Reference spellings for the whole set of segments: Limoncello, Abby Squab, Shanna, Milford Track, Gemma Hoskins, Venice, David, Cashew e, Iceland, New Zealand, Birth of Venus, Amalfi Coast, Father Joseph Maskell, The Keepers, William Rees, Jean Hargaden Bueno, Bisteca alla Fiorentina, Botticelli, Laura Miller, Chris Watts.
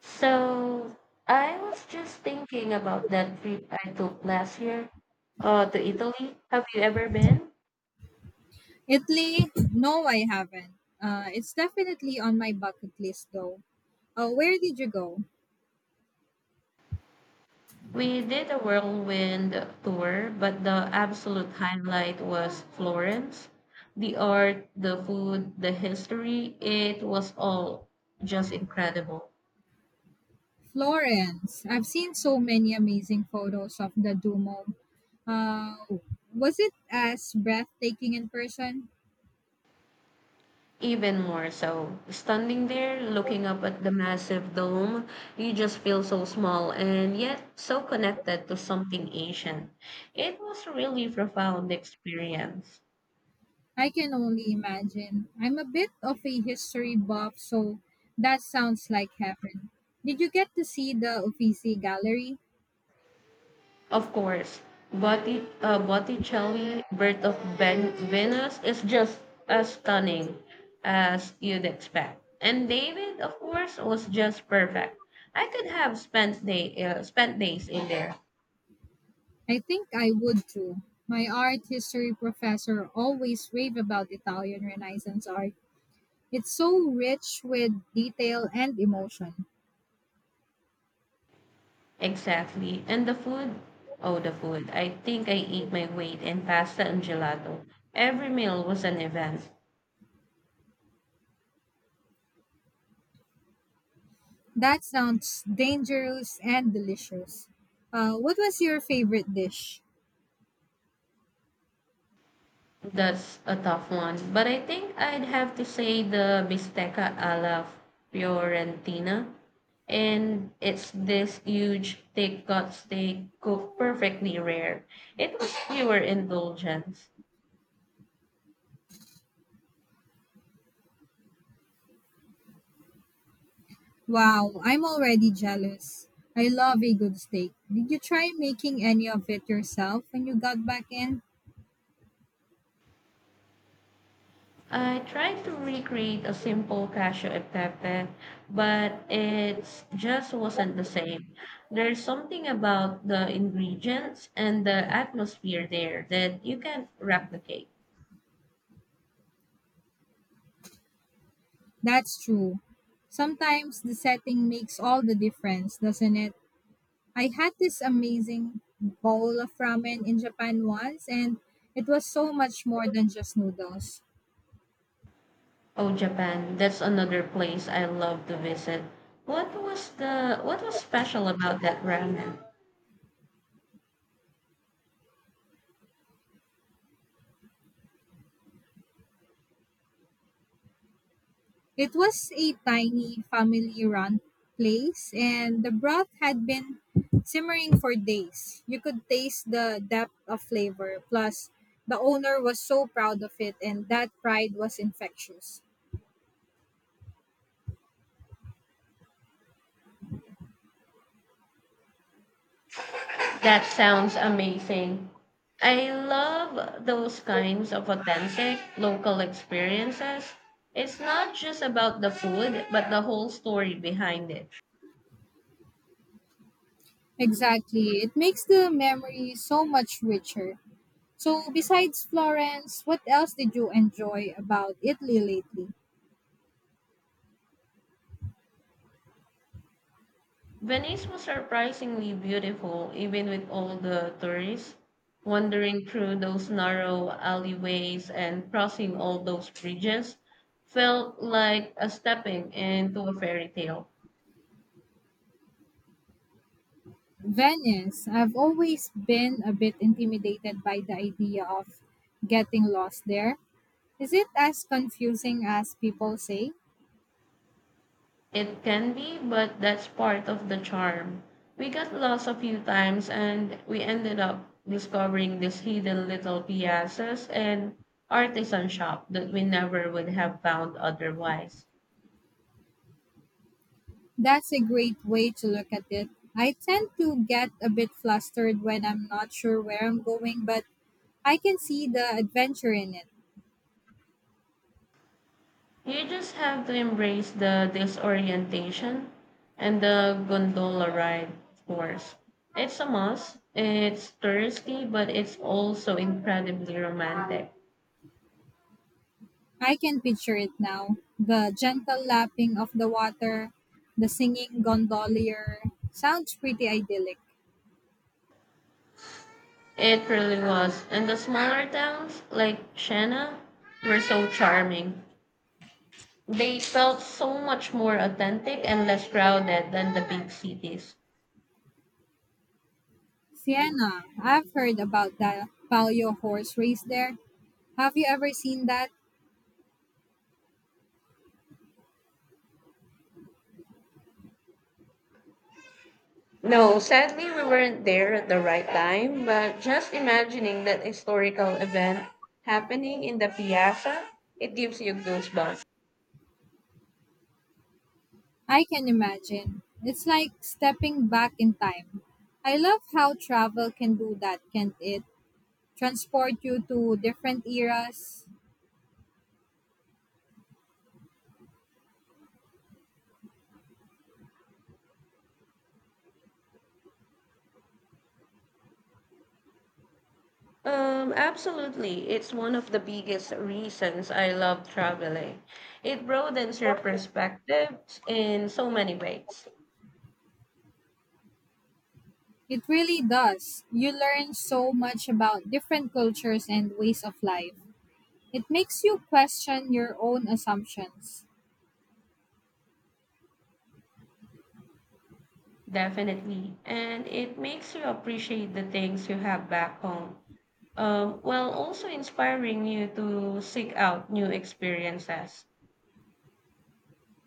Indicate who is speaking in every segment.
Speaker 1: So I was just thinking about that trip I took last year to Italy. Have you ever been?
Speaker 2: Italy? No, I haven't. It's definitely on my bucket list though. Where did you go?
Speaker 1: We did a whirlwind tour, but the absolute highlight was Florence. The art, the food, the history, it was all just incredible.
Speaker 2: Florence. I've seen so many amazing photos of the Duomo. Uh, was it as breathtaking in person?
Speaker 1: Even more so. Standing there, looking up at the massive dome, you just feel so small and yet so connected to something ancient. It was a really profound experience.
Speaker 2: I can only imagine. I'm a bit of a history buff, so that sounds like heaven. Did you get to see the Uffizi Gallery?
Speaker 1: Of course, Botticelli, Birth of Venus is just as stunning as you'd expect. And David, of course, was just perfect. I could have spent days in there.
Speaker 2: I think I would too. My art history professor always raved about Italian Renaissance art. It's so rich with detail and emotion.
Speaker 1: Exactly. And the food? Oh, the food. I think I ate my weight in pasta and gelato. Every meal was an event.
Speaker 2: That sounds dangerous and delicious. What was your favorite dish?
Speaker 1: That's a tough one. But I think I'd have to say the bisteca alla Fiorentina. And it's this huge, thick cut steak cooked perfectly rare. It was pure indulgence.
Speaker 2: Wow, I'm already jealous. I love a good steak. Did you try making any of it yourself when you got back in?
Speaker 1: I tried to recreate a simple cashew e but it just wasn't the same. There's something about the ingredients and the atmosphere there that you can't replicate.
Speaker 2: That's true. Sometimes the setting makes all the difference, doesn't it? I had this amazing bowl of ramen in Japan once, and it was so much more than just noodles.
Speaker 1: Oh, Japan, that's another place I love to visit. What was special about that ramen?
Speaker 2: It was a tiny family run place, and the broth had been simmering for days. You could taste the depth of flavor, plus, the owner was so proud of it, and that pride was infectious.
Speaker 1: That sounds amazing. I love those kinds of authentic local experiences. It's not just about the food, but the whole story behind it.
Speaker 2: Exactly. It makes the memory so much richer. So, besides Florence, what else did you enjoy about Italy lately?
Speaker 1: Venice was surprisingly beautiful, even with all the tourists wandering through those narrow alleyways and crossing all those bridges. Felt like a stepping into a fairy tale.
Speaker 2: Venice. I've always been a bit intimidated by the idea of getting lost there. Is it as confusing as people say?
Speaker 1: It can be, but that's part of the charm. We got lost a few times and we ended up discovering these hidden little piazzas and artisan shop that we never would have found otherwise.
Speaker 2: That's a great way to look at it. I tend to get a bit flustered when I'm not sure where I'm going, but I can see the adventure in it.
Speaker 1: You just have to embrace the disorientation and the gondola ride, of course. It's a must. It's touristy, but it's also incredibly romantic.
Speaker 2: I can picture it now. The gentle lapping of the water, the singing gondolier. Sounds pretty idyllic.
Speaker 1: It really was. And the smaller towns, like Shanna, were so charming. They felt so much more authentic and less crowded than the big cities.
Speaker 2: Siena, I've heard about the Palio horse race there. Have you ever seen that?
Speaker 1: No, sadly, we weren't there at the right time, but just imagining that historical event happening in the piazza, it gives you goosebumps.
Speaker 2: I can imagine. It's like stepping back in time. I love how travel can do that, can't it? Transport you to different eras.
Speaker 1: Absolutely. It's one of the biggest reasons I love traveling. It broadens your perspectives in so many ways.
Speaker 2: It really does. You learn so much about different cultures and ways of life. It makes you question your own assumptions.
Speaker 1: Definitely. And it makes you appreciate the things you have back home, while also inspiring you to seek out new experiences.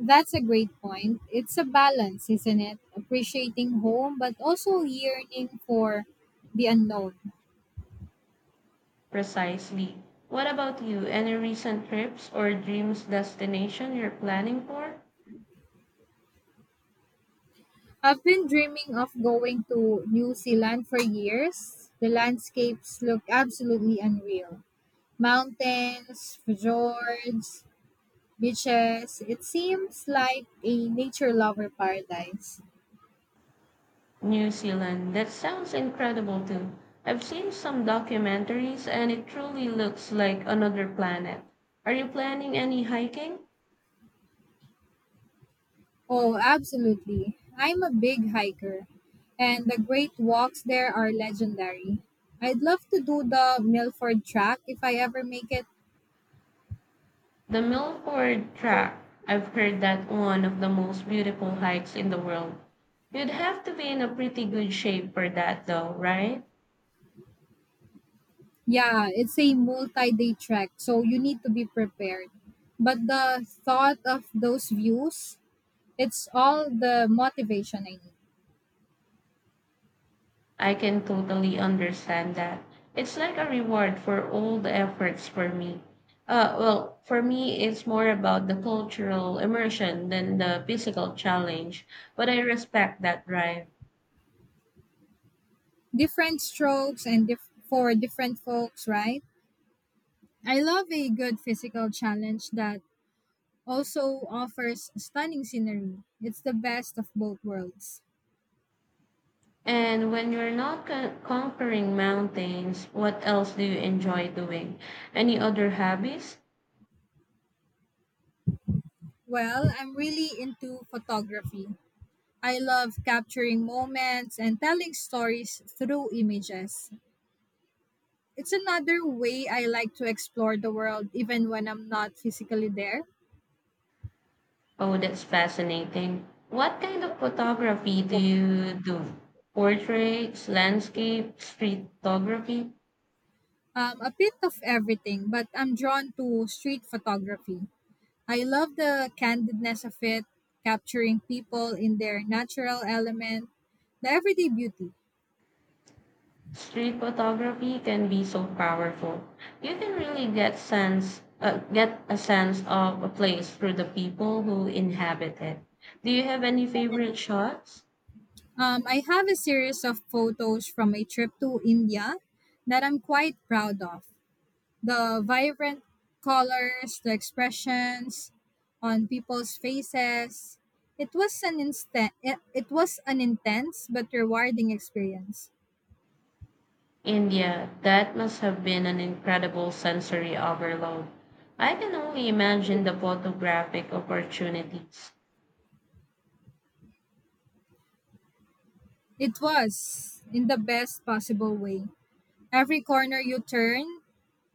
Speaker 2: That's a great point. It's a balance, isn't it? Appreciating home, but also yearning for the unknown.
Speaker 1: Precisely. What about you? Any recent trips or dreams destination you're planning for?
Speaker 2: I've been dreaming of going to New Zealand for years. The landscapes look absolutely unreal. Mountains, fjords, beaches. It seems like a nature lover paradise.
Speaker 1: New Zealand. That sounds incredible too. I've seen some documentaries and it truly looks like another planet. Are you planning any hiking?
Speaker 2: Oh, absolutely. I'm a big hiker, and the great walks there are legendary. I'd love to do the Milford track if I ever make it.
Speaker 1: The Milford Track, I've heard that one of the most beautiful hikes in the world. You'd have to be in a pretty good shape for that though, right?
Speaker 2: Yeah, it's a multi day trek, so you need to be prepared. But the thought of those views, it's all the motivation I need.
Speaker 1: I can totally understand that. It's like a reward for all the efforts for me. Well, for me, it's more about the cultural immersion than the physical challenge, but I respect that drive.
Speaker 2: Different strokes and dif- For different folks, right? I love a good physical challenge that also offers stunning scenery. It's the best of both worlds.
Speaker 1: And when you're not conquering mountains, what else do you enjoy doing? Any other hobbies?
Speaker 2: Well, I'm really into photography. I love capturing moments and telling stories through images. It's another way I like to explore the world even when I'm not physically there.
Speaker 1: Oh, that's fascinating. What kind of photography do you do? Portraits, landscape, street photography?
Speaker 2: A bit of everything, but I'm drawn to street photography. I love the candidness of it, capturing people in their natural element, the everyday beauty.
Speaker 1: Street photography can be so powerful. You can really get a sense of a place through the people who inhabit it. Do you have any favorite shots?
Speaker 2: I have a series of photos from a trip to India that I'm quite proud of. The vibrant colors, the expressions on people's faces. It was an instant it, it was an intense but rewarding experience.
Speaker 1: India, that must have been an incredible sensory overload. I can only imagine the photographic opportunities.
Speaker 2: It was in the best possible way. Every corner you turn,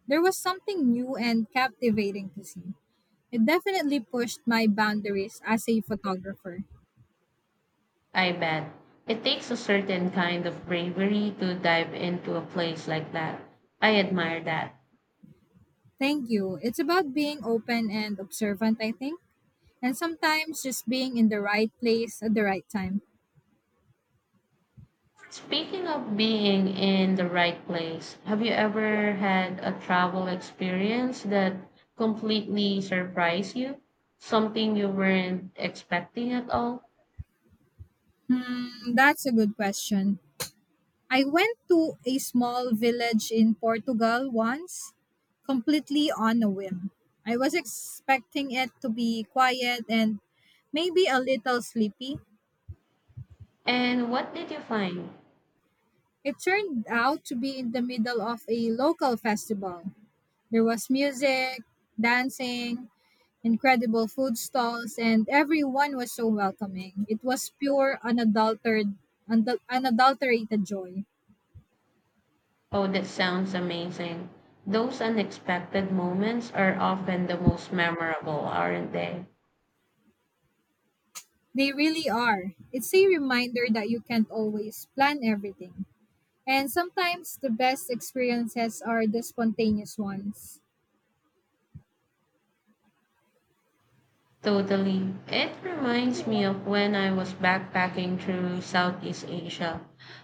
Speaker 2: there was something new and captivating to see. It definitely pushed my boundaries as a photographer.
Speaker 1: I bet. It takes a certain kind of bravery to dive into a place like that. I admire that.
Speaker 2: Thank you. It's about being open and observant, I think, and sometimes just being in the right place at the right time.
Speaker 1: Speaking of being in the right place, have you ever had a travel experience that completely surprised you? Something you weren't expecting at all?
Speaker 2: Hmm, that's a good question. I went to a small village in Portugal once, completely on a whim. I was expecting it to be quiet and maybe a little sleepy.
Speaker 1: And what did you find?
Speaker 2: It turned out to be in the middle of a local festival. There was music, dancing, incredible food stalls, and everyone was so welcoming. It was pure, unadulterated, unadulterated joy.
Speaker 1: Oh, that sounds amazing. Those unexpected moments are often the most memorable, aren't they?
Speaker 2: They really are. It's a reminder that you can't always plan everything. And sometimes the best experiences are the spontaneous ones.
Speaker 1: Totally. It reminds me of when I was backpacking through Southeast Asia.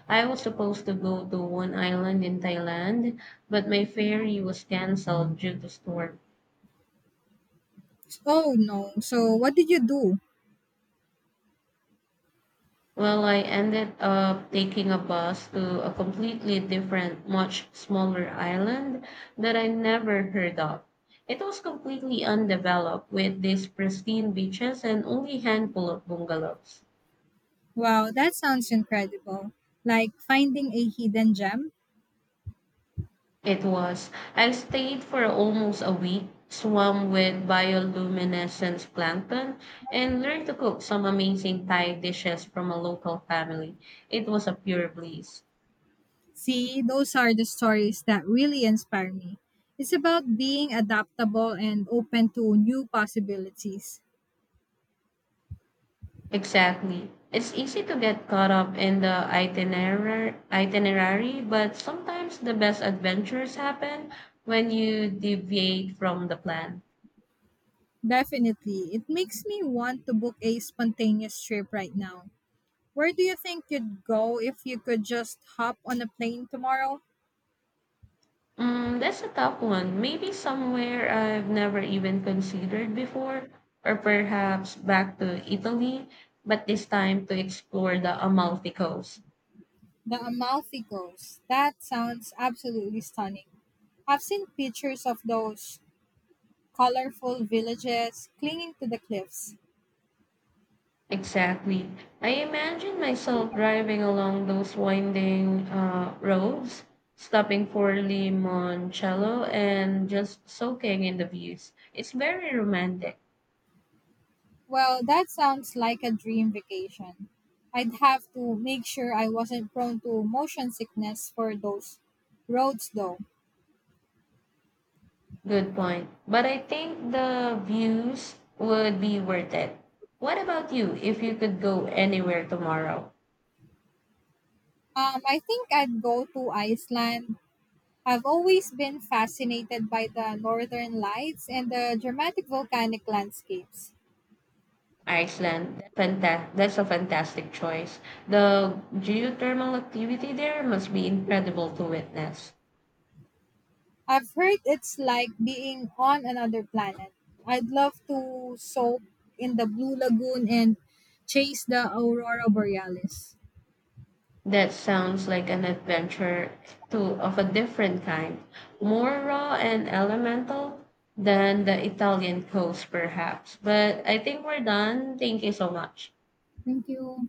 Speaker 1: I was supposed to go to one island in Thailand, but my ferry was canceled due to storm.
Speaker 2: Oh no, so what did you do?
Speaker 1: Well, I ended up taking a bus to a completely different, much smaller island that I never heard of. It was completely undeveloped with these pristine beaches and only handful of bungalows.
Speaker 2: Wow, that sounds incredible. Like finding a hidden gem?
Speaker 1: It was. I stayed for almost a week, swam with bioluminescence plankton, and learned to cook some amazing Thai dishes from a local family. It was a pure bliss.
Speaker 2: See, those are the stories that really inspire me. It's about being adaptable and open to new possibilities.
Speaker 1: Exactly. It's easy to get caught up in the itinerary, but sometimes the best adventures happen when you deviate from the plan.
Speaker 2: Definitely. It makes me want to book a spontaneous trip right now. Where do you think you'd go if you could just hop on a plane tomorrow?
Speaker 1: That's a tough one. Maybe somewhere I've never even considered before, or perhaps back to Italy, but this time to explore the Amalfi Coast.
Speaker 2: The Amalfi Coast. That sounds absolutely stunning. I've seen pictures of those colorful villages clinging to the cliffs.
Speaker 1: Exactly. I imagine myself driving along those winding roads, stopping for Limoncello and just soaking in the views. It's very romantic.
Speaker 2: Well, that sounds like a dream vacation. I'd have to make sure I wasn't prone to motion sickness for those roads, though.
Speaker 1: Good point. But I think the views would be worth it. What about you if you could go anywhere tomorrow?
Speaker 2: I think I'd go to Iceland. I've always been fascinated by the northern lights and the dramatic volcanic landscapes.
Speaker 1: Iceland, that's a fantastic choice. The geothermal activity there must be incredible to witness.
Speaker 2: I've heard it's like being on another planet. I'd love to soak in the blue lagoon and chase the aurora borealis.
Speaker 1: That sounds like an adventure of a different kind, more raw and elemental than the Italian coast, perhaps. But I think we're done. Thank you so much.
Speaker 2: Thank you.